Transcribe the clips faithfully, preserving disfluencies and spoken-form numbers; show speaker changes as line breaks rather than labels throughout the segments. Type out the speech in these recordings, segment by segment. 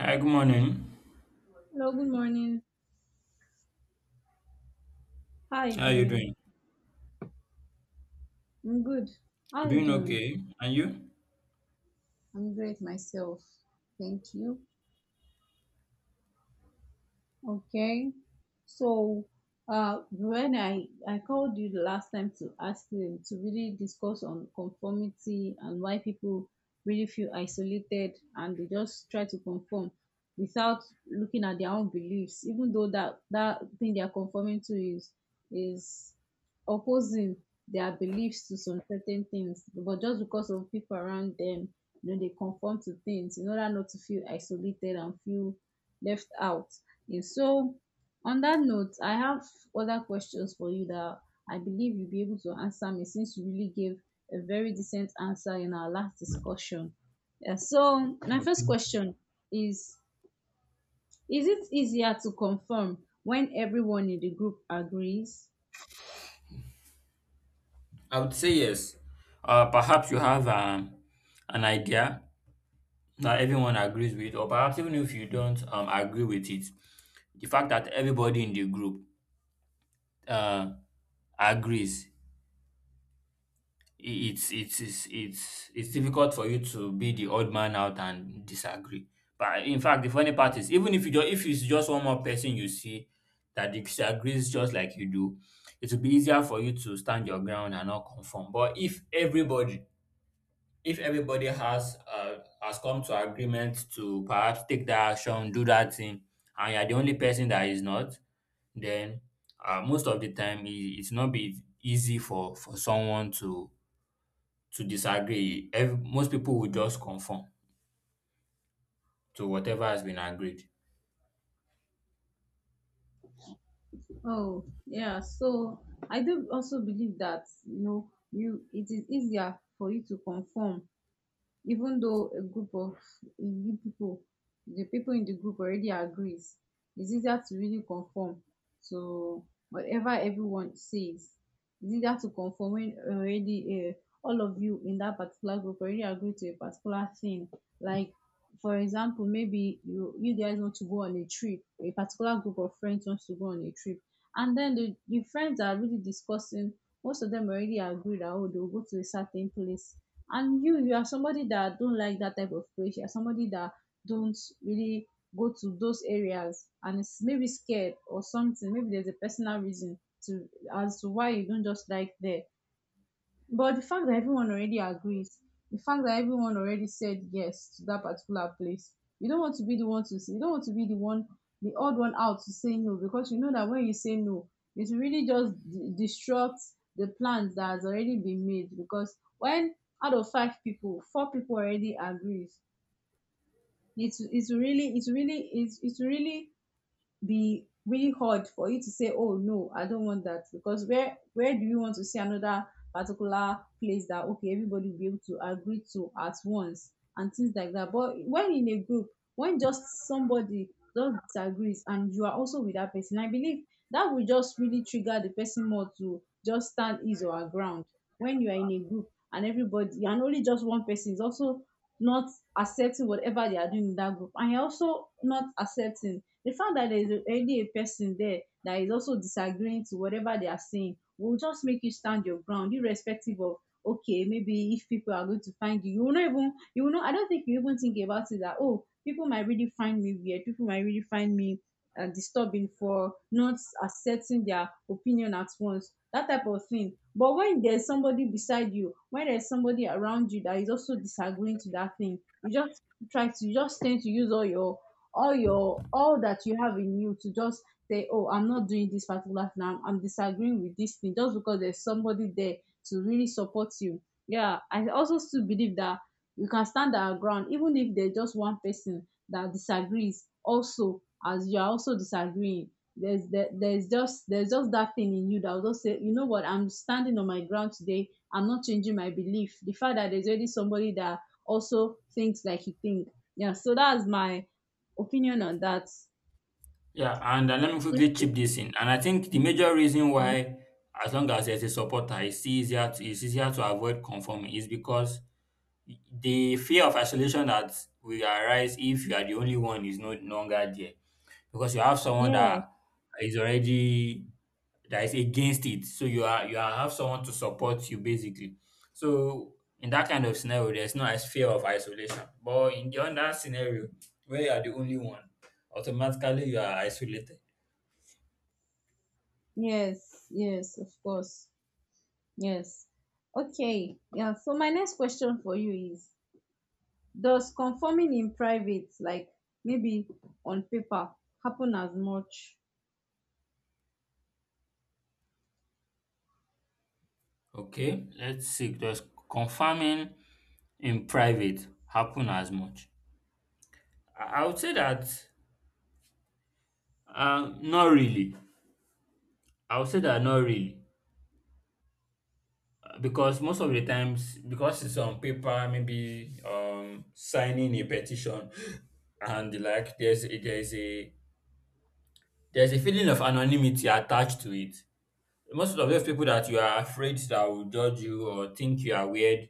Hi, good morning.
Hello, good morning. How are you
How are you
doing?
doing?
I'm good. How
I'm
are you
doing
doing?
okay. And you?
I'm great myself. Thank you. Okay. So, uh, when I, I called you the last time to ask them to really discuss on conformity and why people really feel isolated and they just try to conform without looking at their own beliefs, even though that, that thing they are conforming to is, is opposing their beliefs to some certain things, but just because of people around them, you know, they conform to things in order not to feel isolated and feel left out. Yes, so on that note, I have other questions for you that I believe you'll be able to answer me since you really gave a very decent answer in our last discussion. Yeah, so my
Okay.
first question is Is it easier to confirm when everyone in the group agrees?
I would say yes. Uh, perhaps you have um, an idea that everyone agrees with, or perhaps even if you don't um, agree with it, the fact that everybody in the group uh, agrees, it's it's it's it's it's difficult for you to be the odd man out and disagree. But in fact, the funny part is, even if you just if it's just one more person you see that disagrees just like you do, it will be easier for you to stand your ground and not conform. But if everybody if everybody has uh, has come to agreement to perhaps take that action, do that thing, and you're the only person that is not, then uh, most of the time it, it's not be easy for for someone to to disagree, ev most people would just conform to whatever has been agreed.
Oh, yeah. So I do also believe that, you know you it is easier for you to confirm even though a group of you people the people in the group already agrees, it's easier to really conform to whatever everyone says. It's easier to conform when already, uh, all of you in that particular group already agree to a particular thing. Like for example, maybe you you guys want to go on a trip, a particular group of friends wants to go on a trip, and then the, the friends are really discussing, most of them already agree that, oh, they'll go to a certain place, and you, you are somebody that don't like that type of place. You're somebody that don't really go to those areas and is maybe scared or something. Maybe there's a personal reason to, as to why you don't just like there. But the fact that everyone already agrees, the fact that everyone already said yes to that particular place, you don't want to be the one to say, you don't want to be the one, the odd one out to say no, because you know that when you say no, it will really just d- disrupt the plans that has already been made. Because when out of five people, four people already agrees, it's it's really it's really it's it's really be really hard for you to say, oh no, I don't want that, because where where do you want to see another particular place that okay, everybody will be able to agree to at once, and things like that. But when in a group, when just somebody just disagrees and you are also with that person, I believe that will just really trigger the person more to just stand his or her ground. When you are in a group and everybody, and only just one person is also not accepting whatever they are doing in that group, and you're also not accepting, the fact that there is already a person there that is also disagreeing to whatever they are saying will just make you stand your ground irrespective of, okay, maybe if people are going to find you, you will not even, you will not, I don't think you even think about it that, oh, people might really find me weird, people might really find me uh, disturbing for not accepting their opinion at once, that type of thing. But when there's somebody beside you, when there's somebody around you that is also disagreeing to that thing, you just try to you just tend to use all your, all your all that you have in you to just say, oh, I'm not doing this particular thing. I'm, I'm disagreeing with this thing just because there's somebody there to really support you. Yeah, I also still believe that we can stand our ground even if there's just one person that disagrees. Also, as you are also disagreeing, there's there, there's just there's just that thing in you that will just say, you know what, I'm standing on my ground today. I'm not changing my belief. The fact that there's already somebody that also thinks like you think. Yeah, so that's my opinion on that.
Yeah, and uh, let me quickly chip this in. And I think the major reason
Mhm.
why, as long as there's a supporter, it's easier to, it's easier to avoid conforming is because the fear of isolation that will arise if you are the only one is no no longer there. Because you have someone
Yeah,
that is already that is against it. So you are you are have someone to support you basically. So in that kind of scenario, there's no is- fear of isolation. But in the other scenario where you are the only one, automatically you are isolated.
yes, yes, of course. Yes. Okay. Yeah. So my next question for you is, does conforming in private, like maybe on paper, happen as much?
Okay, let's see. Does confirming in private happen as much? I I would say that uh, not really. I would say that not really because most of the times because it's on paper, maybe um signing a petition and the like, there's a, there's a there's a feeling of anonymity attached to it. Most of those people that you are afraid that will judge you or think you are weird,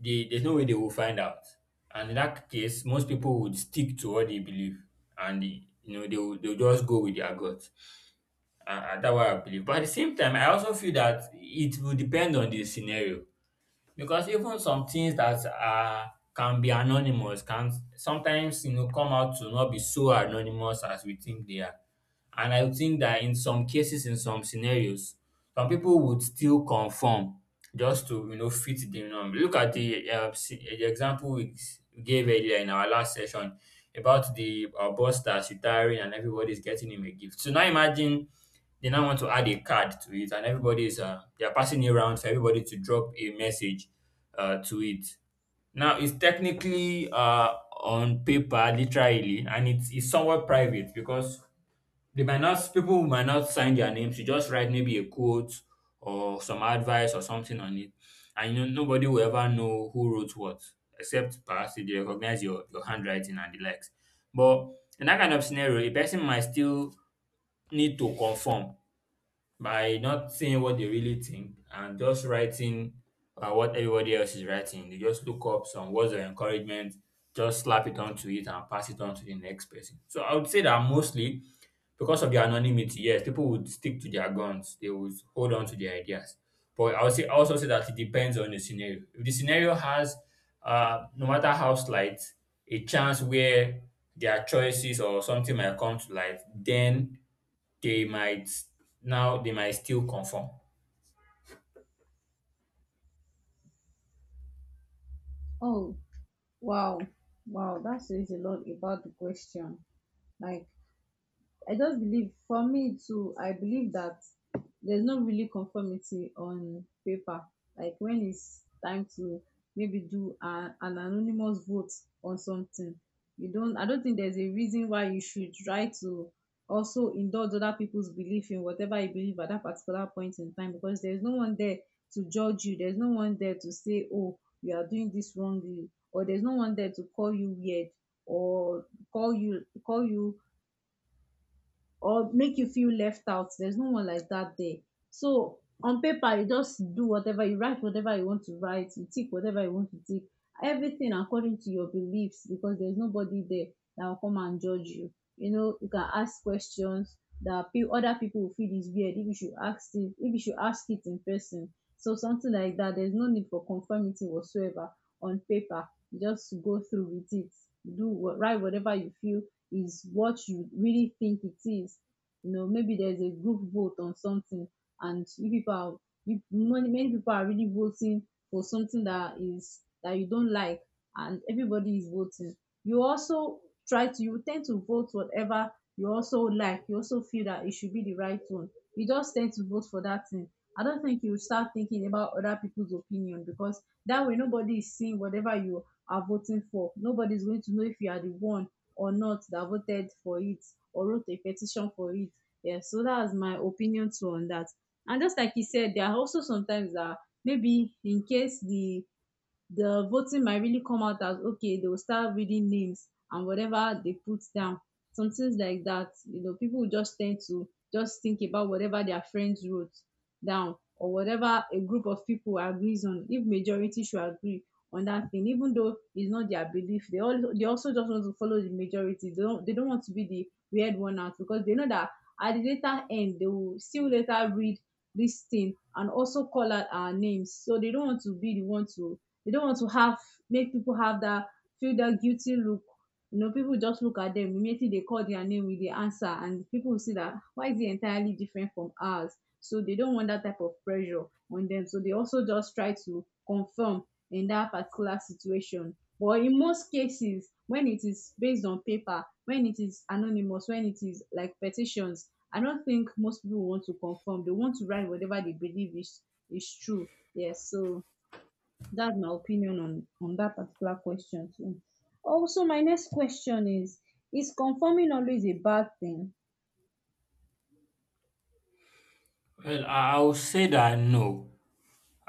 they there's no way they will find out, and in that case most people would stick to what they believe. And the, you know, they will, they'll just go with their gut. And, and that's what I believe. But at the same time, I also feel that it will depend on the scenario. Because even some things that are can be anonymous can sometimes, you know, come out to not be so anonymous as we think they are. And I think that in some cases, in some scenarios, some people would still conform just to, you know, fit the norm. Look at the uh, s- the example we s- gave earlier in our last session about the uh, boss that's retiring and everybody's getting him a gift. So now imagine they now want to add a card to it, and everybody is uh, they are passing it around for everybody to drop a message uh, to it. Now, it's technically uh, on paper, literally, and it's, it's somewhat private because they might not, people might not sign their names. You just write maybe a quote or some advice or something on it, and you know, nobody will ever know who wrote what, except perhaps if they recognize your, your handwriting and the likes. But in that kind of scenario, a person might still need to conform by not saying what they really think and just writing uh, what everybody else is writing. They just look up some words of encouragement, just slap it onto it and pass it on to the next person. So I would say that mostly because of their anonymity, yes, people would stick to their guns. They would hold on to their ideas. But I would say also say that it depends on the scenario. If the scenario has, uh, no matter how slight, a chance where their choices or something might come to light, then they might now they might still conform?
Oh, wow. Wow, that says a lot about the question. Like, I just believe for me too, I believe that there's no really conformity on paper. Like, when it's time to maybe do a, an anonymous vote on something, you don't. I don't think there's a reason why you should try to also indulge other people's belief in whatever you believe at that particular point in time, because there's no one there to judge you. There's no one there to say, oh, you are doing this wrongly, or there's no one there to call you weird or call you call you or make you feel left out. There's no one like that there. So on paper, you just do whatever you write, whatever you want to write, you tick whatever you want to tick, everything according to your beliefs, because there's nobody there that will come and judge you. You know, you can ask questions that pe- other people will feel is weird if you should ask it, if you should ask it in person. So something like that. There's no need for conformity whatsoever on paper. You just go through with it. Do what, write whatever you feel is what you really think it is. You know, maybe there's a group vote on something, and you people are, you, many, many people are really voting for something that is that you don't like, and everybody is voting. You also try to you tend to vote whatever you also like. You also feel that it should be the right one. You just tend to vote for that thing. I don't think you start thinking about other people's opinion, because that way nobody is seeing whatever you are voting for. Nobody's going to know if you are the one or not that voted for it, or wrote a petition for it. Yeah, so that's my opinion too on that. And just like he said, there are also sometimes that maybe in case the the voting might really come out as okay, they will start reading names and whatever they put down. Some things like that, you know, people will just tend to just think about whatever their friends wrote down, or whatever a group of people agrees on. If majority should agree on that thing, even though it's not their belief, they all they also just want to follow the majority. They don't they don't want to be the weird one out, because they know that at the later end they will still later read this thing and also call out our names. So they don't want to be the one to, they don't want to have, make people have that feel that guilty look. You know, people just look at them immediately. They call their name with the answer, and people will see that, why is he entirely different from ours? So they don't want that type of pressure on them. So they also just try to confirm in that particular situation. But in most cases, when it is based on paper, when it is anonymous, when it is like petitions, I don't think most people want to confirm. They want to write whatever they believe is is true. Yes, so that's my opinion on on that particular question too. Also, my next question is: Is conforming always a bad thing?
Well, I I would say that no.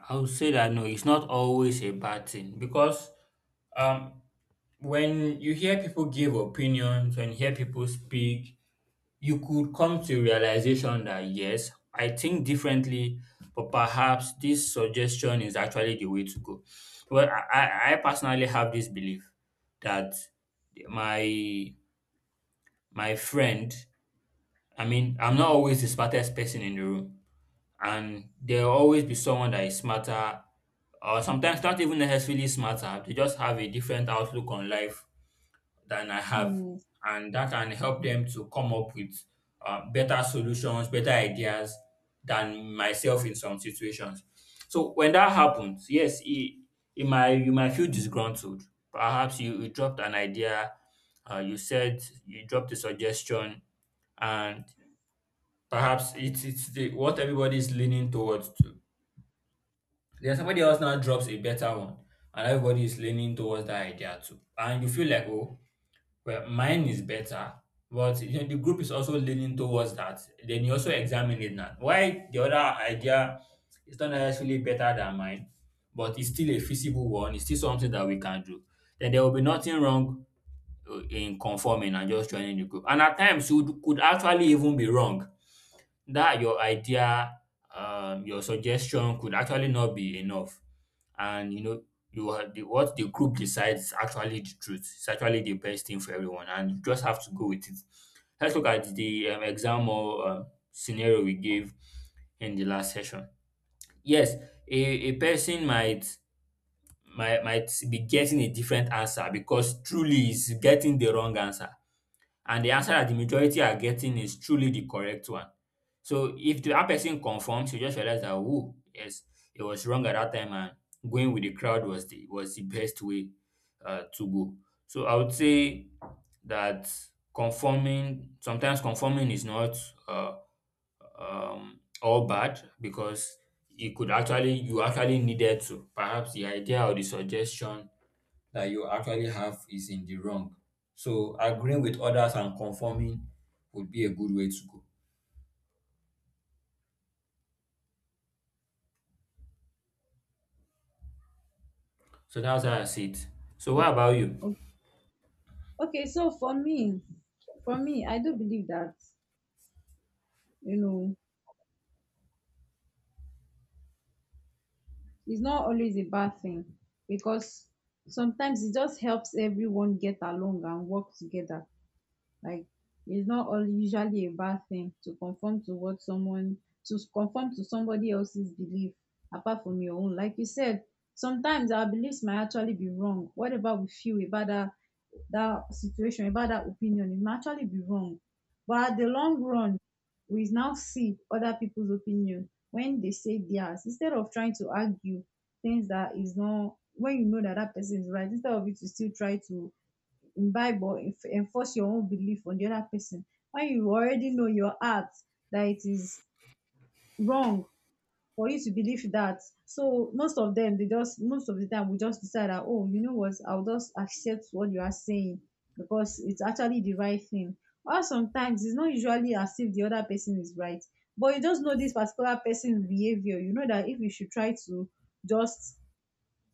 I would say that no, it's not always a bad thing because um when you hear people give opinions, when you hear people speak, you could come to realization that yes, I think differently, but perhaps this suggestion is actually the way to go. Well, I, I I personally have this belief that my my friend, I mean, I'm not always the smartest person in the room, and there'll always be someone that is smarter, or sometimes not even necessarily smarter. They just have a different outlook on life than I have,
Hmm.
and that can help them to come up with uh, better solutions, better ideas than myself in some situations. So when that happens, yes, it, it might you might feel disgruntled. Perhaps you, you dropped an idea, uh, you said you dropped a suggestion, and perhaps it's it's the, what everybody is leaning towards to. Then somebody else now drops a better one, and everybody is leaning towards that idea too, and you feel like, oh, well, mine is better. But, you know, the group is also leaning towards that. Then you also examine it now why the other idea is not necessarily better than mine, but it's still a feasible one, it's still something that we can do. Then there will be nothing wrong uh, in conforming and just joining the group. And at times you could actually even be wrong that your idea, um, your suggestion, could actually not be enough. And you know, you are the, what the group decides is actually the truth. It's actually the best thing for everyone, and you just have to go with it. Let's look at the um, exam or um, scenario we gave in the last session. Yes, a, a person might might might be getting a different answer because truly is getting the wrong answer, and the answer that the majority are getting is truly the correct one. So if the, that person confirms, you just realize that, oh yes, it was wrong at that time, and going with the crowd was the was the best way uh, to go. So I would say that conforming sometimes conforming is not uh, um, all bad, because it could actually you actually needed to perhaps the idea or the suggestion that you actually have is in the wrong. So agreeing with others and conforming would be a good way to go. So that's how I see it. So what about you?
o- Okay, so for me, for me, I do believe that, you know, it's not always a bad thing, because sometimes it just helps everyone get along and work together. Like, it's not all usually a bad thing to conform to what someone, to conform to somebody else's belief apart from your own. Like you said, sometimes our beliefs might actually be wrong. Whatever we feel about that that situation, about that opinion, it might actually be wrong. But at the long run, we now see other people's opinion when they say theirs, instead of trying to argue things that is not, when you know that that person is right, instead of you to still try to, in bible enf- enforce your own belief on the other person, when you already know your heart that it is wrong for you to believe that. So most of them, they just, most of the time we just decide that, oh, you know what, I'll just accept what you are saying, because it's actually the right thing. Or sometimes it's not usually as if the other person is right, but you just know this particular person's behavior, you know that if you should try to just,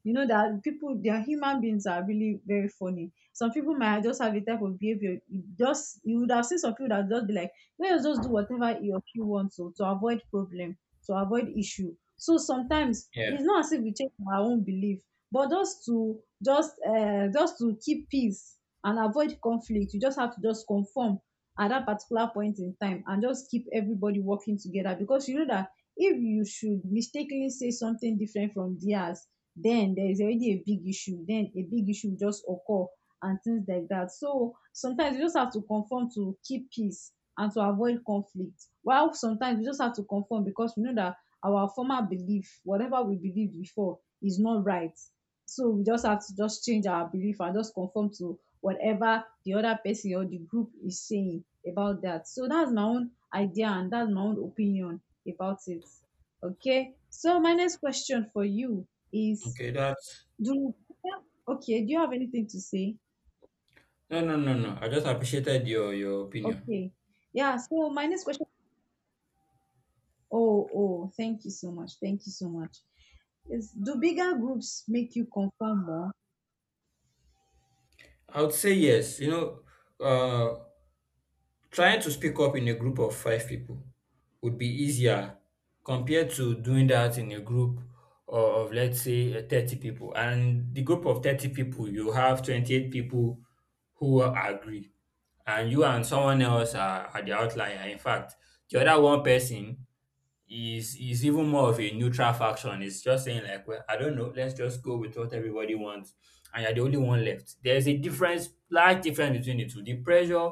you know, that people, their human beings are really very funny. Some people might just have a type of behavior. You Just you would have seen some people that just be like, let's just do whatever he or she wants to to avoid problem, to avoid issue. So sometimes
Yeah.
it's not as if we change our own belief, but just to just uh, just to keep peace and avoid conflict, you just have to just conform at that particular point in time and just keep everybody working together, because you know that if you should mistakenly say something different from theirs, then there is already a big issue, then a big issue will just occur and things like that. So sometimes you just have to conform to keep peace and to avoid conflict, while sometimes we just have to conform because we know that our former belief, whatever we believed before, is not right. So we just have to just change our belief and just conform to whatever the other person or the group is saying about that. So that's my own idea and that's my own opinion about it. Okay, so my next question for you is,
Okay, that's
do yeah, okay, do you have anything to say?
no no no no. I just appreciated your your opinion.
Okay. Yeah, so my next question, oh oh, thank you so much, thank you so much, is, do bigger groups make you conform more?
I would say yes. You know, uh trying to speak up in a group of five people would be easier compared to doing that in a group o- of, let's say, uh, thirty people. And the group of thirty people, you have twenty-eight people who agree, and you and someone else are, are the outlier. In fact, the other one person is is even more of a neutral faction. It's just saying like, well, I don't know, let's just go with what everybody wants, and you're the only one left. There's a difference, large difference between the two. The pressure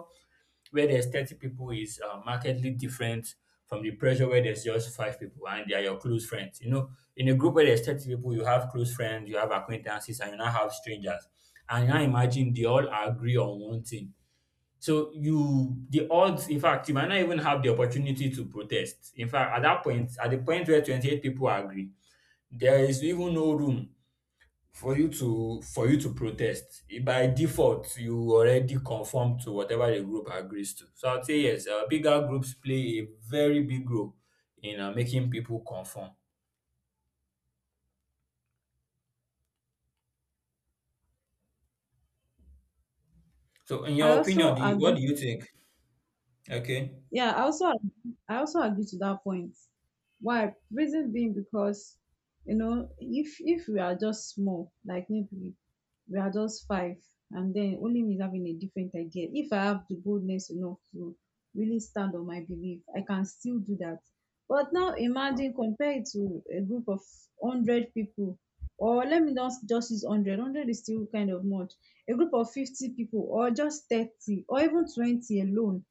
where there's thirty people is uh, markedly different from the pressure where there's just five people and they are your close friends. You know, in a group where there's thirty people, you have close friends, you have acquaintances, and you now have strangers. And now imagine they all agree on one thing. So you, the odds, in fact, you might not even have the opportunity to protest. In fact, at that point, at the point where twenty-eight people agree, there is even no room for you to for you to protest, i- by default you already conform to whatever the group agrees to. So I'd say yes, uh, bigger groups play a very big role in uh, making people conform. So in
I
your opinion,
also
do you, what
agree.
do you think? Okay.
Yeah, I also I also agree to that point. Why? Reason being, because you know, if if we are just small, like maybe we are just five, and then only me having a different idea. If I have the boldness enough to really stand on my belief, I can still do that. But now imagine compared to a group of hundred people, or let me not just use hundred. Hundred is still kind of much. A group of fifty people, or just thirty, or even twenty alone,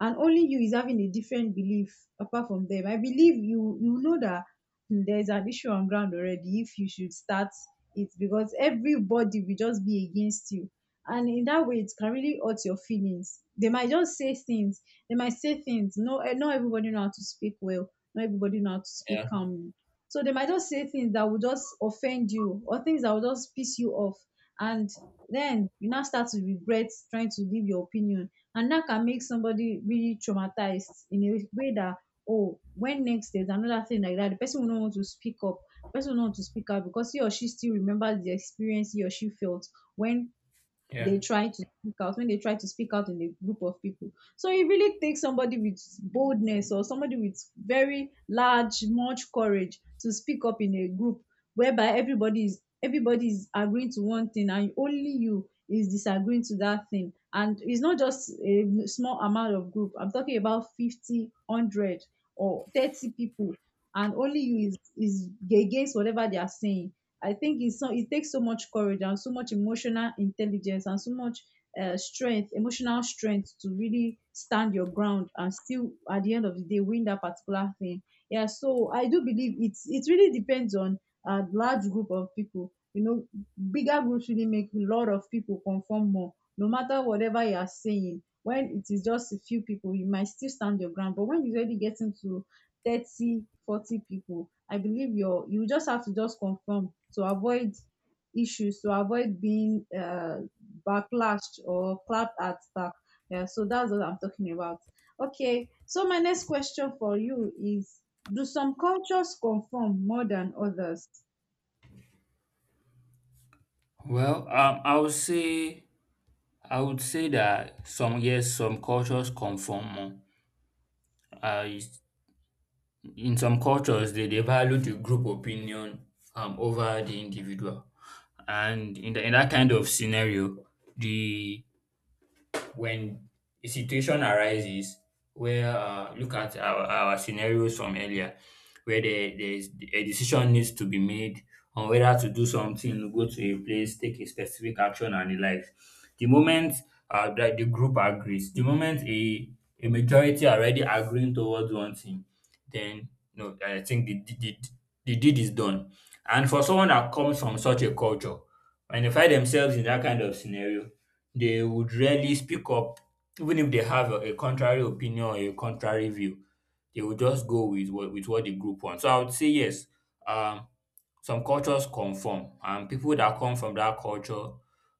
and only you is having a different belief apart from them. I believe you you know that there's an issue on ground already if you should start it, because everybody will just be against you. And in that way, it can really hurt your feelings. They might just say things. They might say things. No, eh, not everybody know how to speak well. Not everybody know how to speak
Yeah.
calmly. So they might just say things that will just offend you, or things that will just piss you off. And then you now start to regret trying to give your opinion, and that can make somebody really traumatized in a way that, oh, when next there's another thing like that, the person will not want to speak up, the person will not want to speak out, because he or she still remembers the experience he or she felt when
Yeah.
they try to speak out when they try to speak out in a group of people. So it really takes somebody with boldness, or somebody with very large much courage to speak up in a group whereby everybody is everybody is agreeing to one thing, and only you is disagreeing to that thing. And it's not just a small amount of group, I'm talking about fifty, one hundred, or thirty people, and only you is is against whatever they are saying. I think it's so, it takes so much courage and so much emotional intelligence and so much uh, strength, emotional strength, to really stand your ground and still at the end of the day win that particular thing. Yeah, so I do believe it's it really depends on a large group of people. You know, bigger groups really make a lot of people conform more. No matter whatever you are saying, when it is just a few people, you might still stand your ground. But when you really get into thirty, forty people, I believe your you just have to just confirm to avoid issues, to avoid being uh, backlashed or clapped at back. Yeah, so that's what I'm talking about. Okay, so my next question for you is, do some cultures conform more than others?
Well, um I would say i would say that some, yes, some cultures conform more. uh, In some cultures, they, they value the group opinion um, over the individual. And in, the, in that kind of scenario, the when a situation arises where uh, look at our, our scenarios from earlier where there, there's a decision needs to be made on whether to do something, go to a place, take a specific action and the like. The moment uh, that the group agrees, the moment a, a majority are already agreeing towards one thing, then no, I think the, the, the, the deed is done. And for someone that comes from such a culture, when they find themselves in that kind of scenario, they would rarely speak up, even if they have a, a contrary opinion or a contrary view. They will just go with what with what the group wants. So I would say yes, um some cultures conform, and people that come from that culture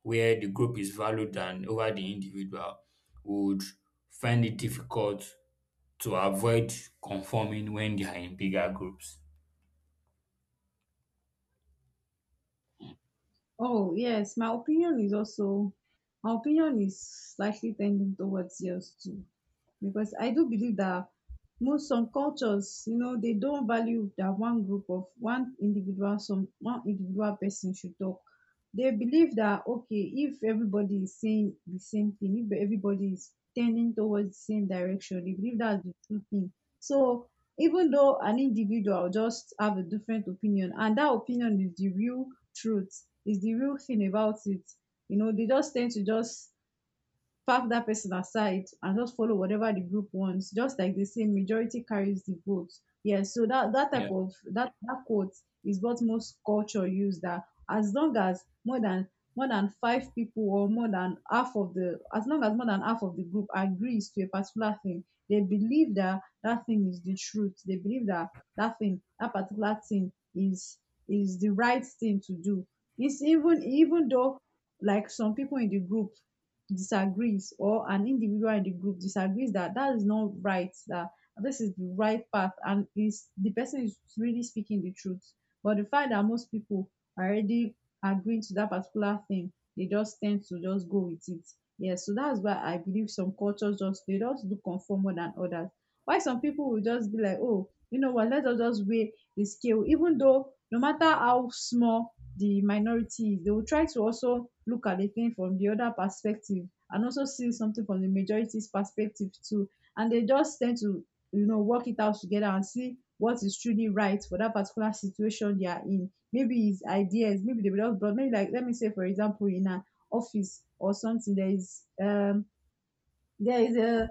where the group is valued and over the individual would find it difficult to avoid conforming when they are in bigger groups.
Oh, yes, my opinion is also, my opinion is slightly tending towards yours too. Because I do believe that most some cultures, you know, they don't value that one group of one individual, some one individual person should talk. They believe that, okay, if everybody is saying the same thing, if everybody is tending towards the same direction, they believe that's the true thing. So even though an individual just have a different opinion, and that opinion is the real truth, is the real thing about it, you know, they just tend to just park that person aside and just follow whatever the group wants. Just like they say, majority carries the vote. Yeah, so that that
Yeah.
type of that that quote is what most culture use. That, as long as more than more than five people, or more than half of the as long as more than half of the group agrees to a particular thing, they believe that that thing is the truth. They believe that that thing, that particular thing is is the right thing to do. It's even even though like some people in the group disagrees, or an individual in the group disagrees that that is not right, that this is the right path and is the person is really speaking the truth, but the fact that most people are already agreeing to that particular thing, they just tend to just go with it. Yes, so that's why I believe some cultures just they just do conform more than others. Why some people will just be like, oh, you know what, let us just weigh the scale, even though no matter how small the minority, they will try to also look at the thing from the other perspective and also see something from the majority's perspective too, and they just tend to, you know, work it out together and see what is truly right for that particular situation they are in. Maybe it's ideas, maybe they will just brought, maybe, like, let me say, for example, in an office or something, there is um there is a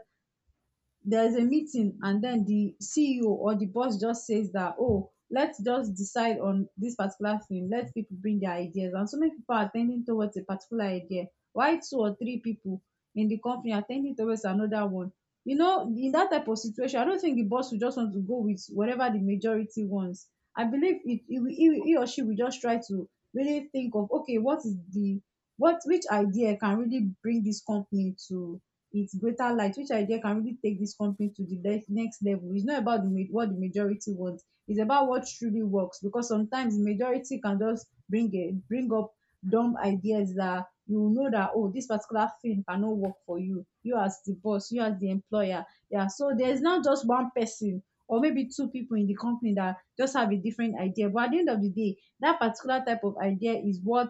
there is a meeting, and then the C E O or the boss just says that, oh, let's just decide on this particular thing. Let people bring their ideas. And so many people are tending towards a particular idea. Why two or three people in the company are tending towards another one? You know, in that type of situation, I don't think the boss will just want to go with whatever the majority wants. I believe it, he, will- he, will- he or she will just try to really think of, okay, what is the, what, which idea can really bring this company to it's greater light, which idea can really take this company to the le- next level. It's not about the ma- what the majority wants, it's about what truly works, because sometimes the majority can just bring a, bring up dumb ideas that you will know that, oh, this particular thing cannot work for you you as the boss, you as the employer. Yeah, so there's not just one person, or maybe two people in the company that just have a different idea, but at the end of the day, that particular type of idea is what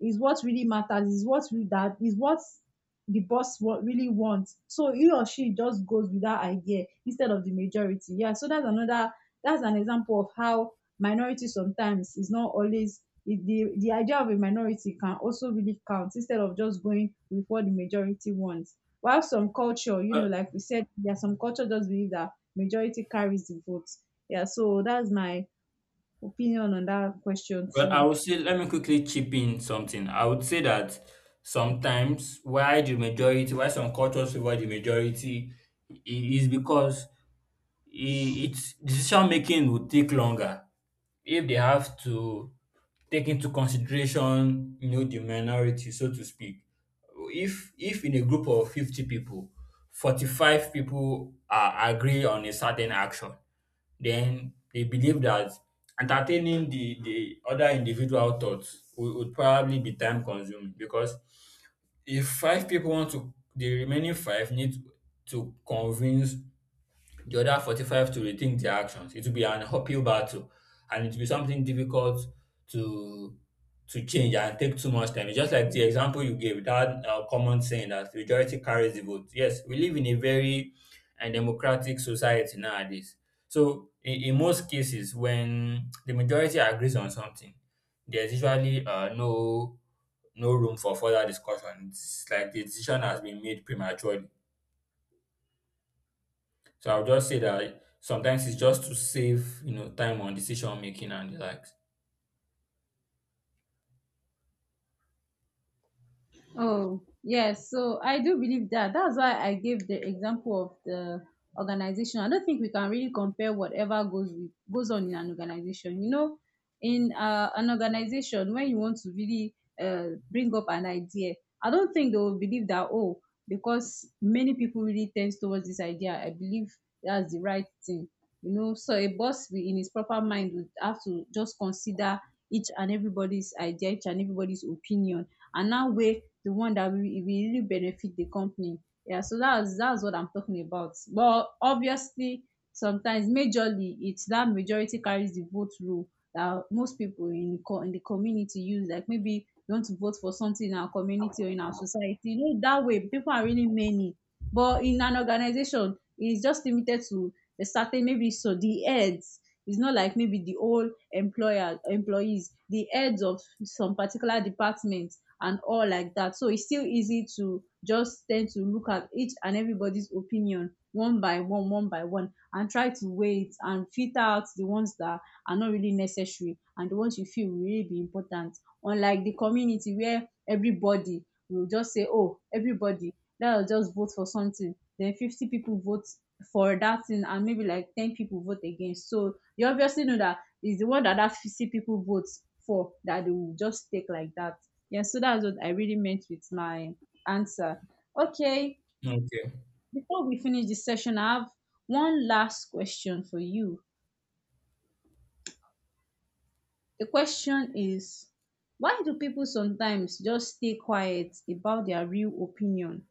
is what really matters, is what we that is what the boss what really wants. So he or she just goes with that idea instead of the majority. Yeah. So that's another that's an example of how minority sometimes is not always, it- the the idea of a minority can also really count instead of just going with what the majority wants. While some culture, you know,
Well,
like we said, yeah, some culture just believe that majority carries the vote. Yeah, so that's my opinion on that question
Well, I
too.
would say let me quickly chip in something. I would say that sometimes why the majority, why some cultures favor the majority, i- is because i- it's decision making would take longer if they have to take into consideration, you know, the minority, so to speak. if if in a group of fifty people forty-five people are agree on a certain action, then they believe that entertaining the the other individual thoughts would, would probably be time consuming, because if five people want to the remaining five need to convince the other forty-five to rethink their actions. It will be an uphill battle, and it will be something difficult to to change and take too much time. It's just like the example you gave, that uh, common saying that majority carries the vote. Yes, we live in a very uh, democratic society nowadays. So in, in most cases, when the majority agrees on something, there's usually uh, no no room for further discussion. It's like the decision has been made prematurely. So I'll just say that sometimes it's just to save, you know, time on decision making and the likes.
Oh, yes. So I do believe that. That's why I gave the example of the organization. I don't think we can really compare whatever goes with, goes on in an organization. You know, in uh, an organization, when you want to really uh, bring up an idea, I don't think they will believe that, oh, because many people really tend towards this idea, I believe that's the right thing. You know, so a boss will- in his proper mind would have to just consider each and everybody's idea, each and everybody's opinion, and now weigh the one that will, will really benefit the company. Yeah, so that's that's what I'm talking about. But obviously, sometimes majorly it's that majority carries the vote rule that most people in the co- in the community use. Like maybe you want to vote for something in our community or in our society. You know, that way people are really many. But in an organization, it's just limited to a certain, maybe so, the heads, it's not like maybe the whole employer employees, the heads of some particular departments and all like that. So it's still easy to just tend to look at each and everybody's opinion one by one, one by one, and try to wait and filter out the ones that are not really necessary and the ones you feel will really be important. Unlike the community where everybody will just say, oh, everybody, let us just vote for something. Then fifty people vote for that thing, and maybe like ten people vote against. So you obviously know that it's the one that that fifty people vote for that they will just take like that. Yeah, so that's what I really meant with my answer. Okay,
Okay.
before we finish this session, I have one last question for you. The question is, why do people sometimes just stay quiet about their real opinion?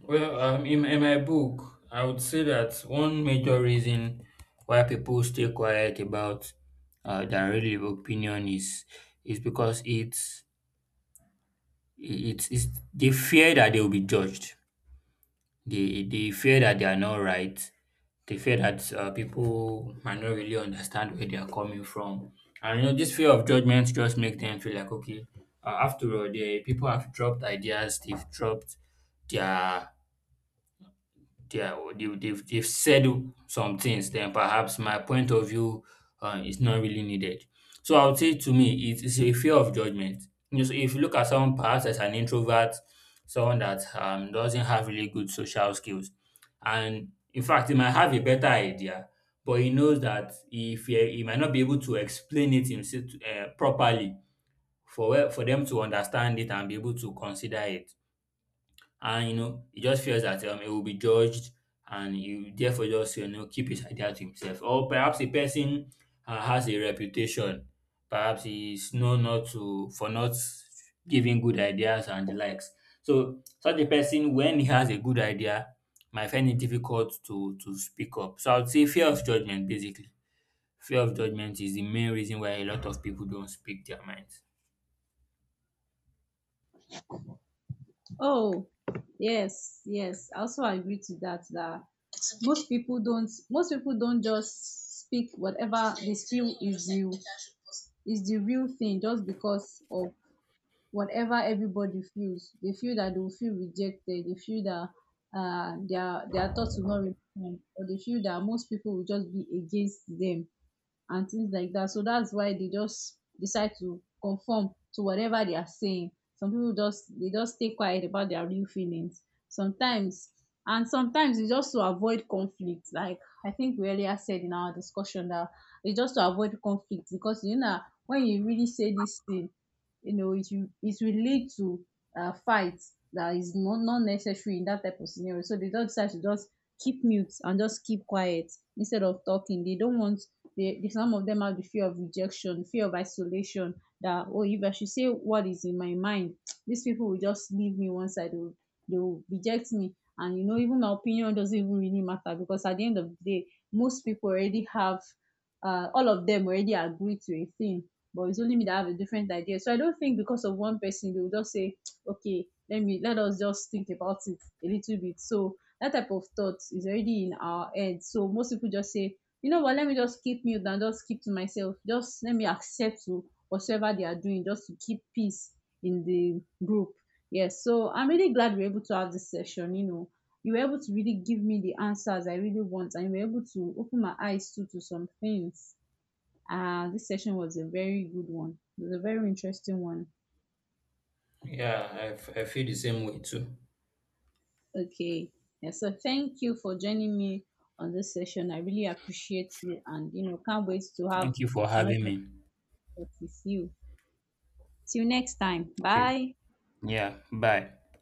Well, um, in, in my book, I would say that one major reason why people stay quiet about uh, their real opinion is is because it's it's, it's they fear that they will be judged. They they fear that they are not right. They fear that uh, people might not really understand where they are coming from. And you know, this fear of judgment just make them feel like, okay, uh, after all, the people have dropped ideas, they've dropped their they are they they've they've said some things, then perhaps my point of view um is not really needed. So I would say to me it is a fear of judgment. You know, so if you look at someone perhaps as an introvert, someone that um doesn't have really good social skills, and in fact he might have a better idea, but he knows that if he, he might not be able to explain it himself uh, properly for for them to understand it and be able to consider it, and you know he just feels that um, he will be judged, and he therefore just, you know, keep his idea to himself. Or perhaps a person uh, has a reputation, perhaps he's known not to for not giving good ideas and the likes. So such a person, when he has a good idea, might find it difficult to to speak up. So I would say fear of judgment basically, fear of judgment is the main reason why a lot of people don't speak their minds.
Oh, yes, yes. I also agree to that, that most people don't most people don't just speak whatever they feel is real is the real thing just because of whatever everybody feels. They feel that they will feel rejected. They feel that uh, their their thoughts will not refine, or they feel that most people will just be against them and things like that. So that's why they just decide to conform to whatever they are saying. Some people just they just stay quiet about their real feelings. Sometimes, and sometimes it's just to avoid conflict. Like, I think we earlier said in our discussion that it's just to avoid conflict because, you know, when you really say this thing, you know it will it will lead to uh, fights that is not not necessary in that type of scenario. So they don't decide to just keep mute and just keep quiet instead of talking. They don't want they, they, some of them have the fear of rejection, fear of isolation. That, oh, if I should say what is in my mind, these people will just leave me one side. They will, they will reject me, and you know, even my opinion doesn't even really matter because at the end of the day, most people already have, uh, all of them already agree to a thing. But it's only me that have a different idea. So I don't think because of one person they will just say, okay, let me let us just think about it a little bit. So that type of thought is already in our head. So most people just say, you know what, let me just keep mute and just keep to myself, just let me accept to whatever they are doing just to keep peace in the group. Yes, so I'm really glad we we're able to have this session. You know, you were able to really give me the answers I really want, and you were able to open my eyes too to some things. Uh, this session was a very good one, it was a very interesting one.
Yeah, I, f- I feel the same way too.
Okay, yeah, so thank you for joining me on this session. I really appreciate you, and you know, can't wait to have
Thank you for having
another
me.
talk with you. See you next time.
Okay.
Bye.
Yeah, bye.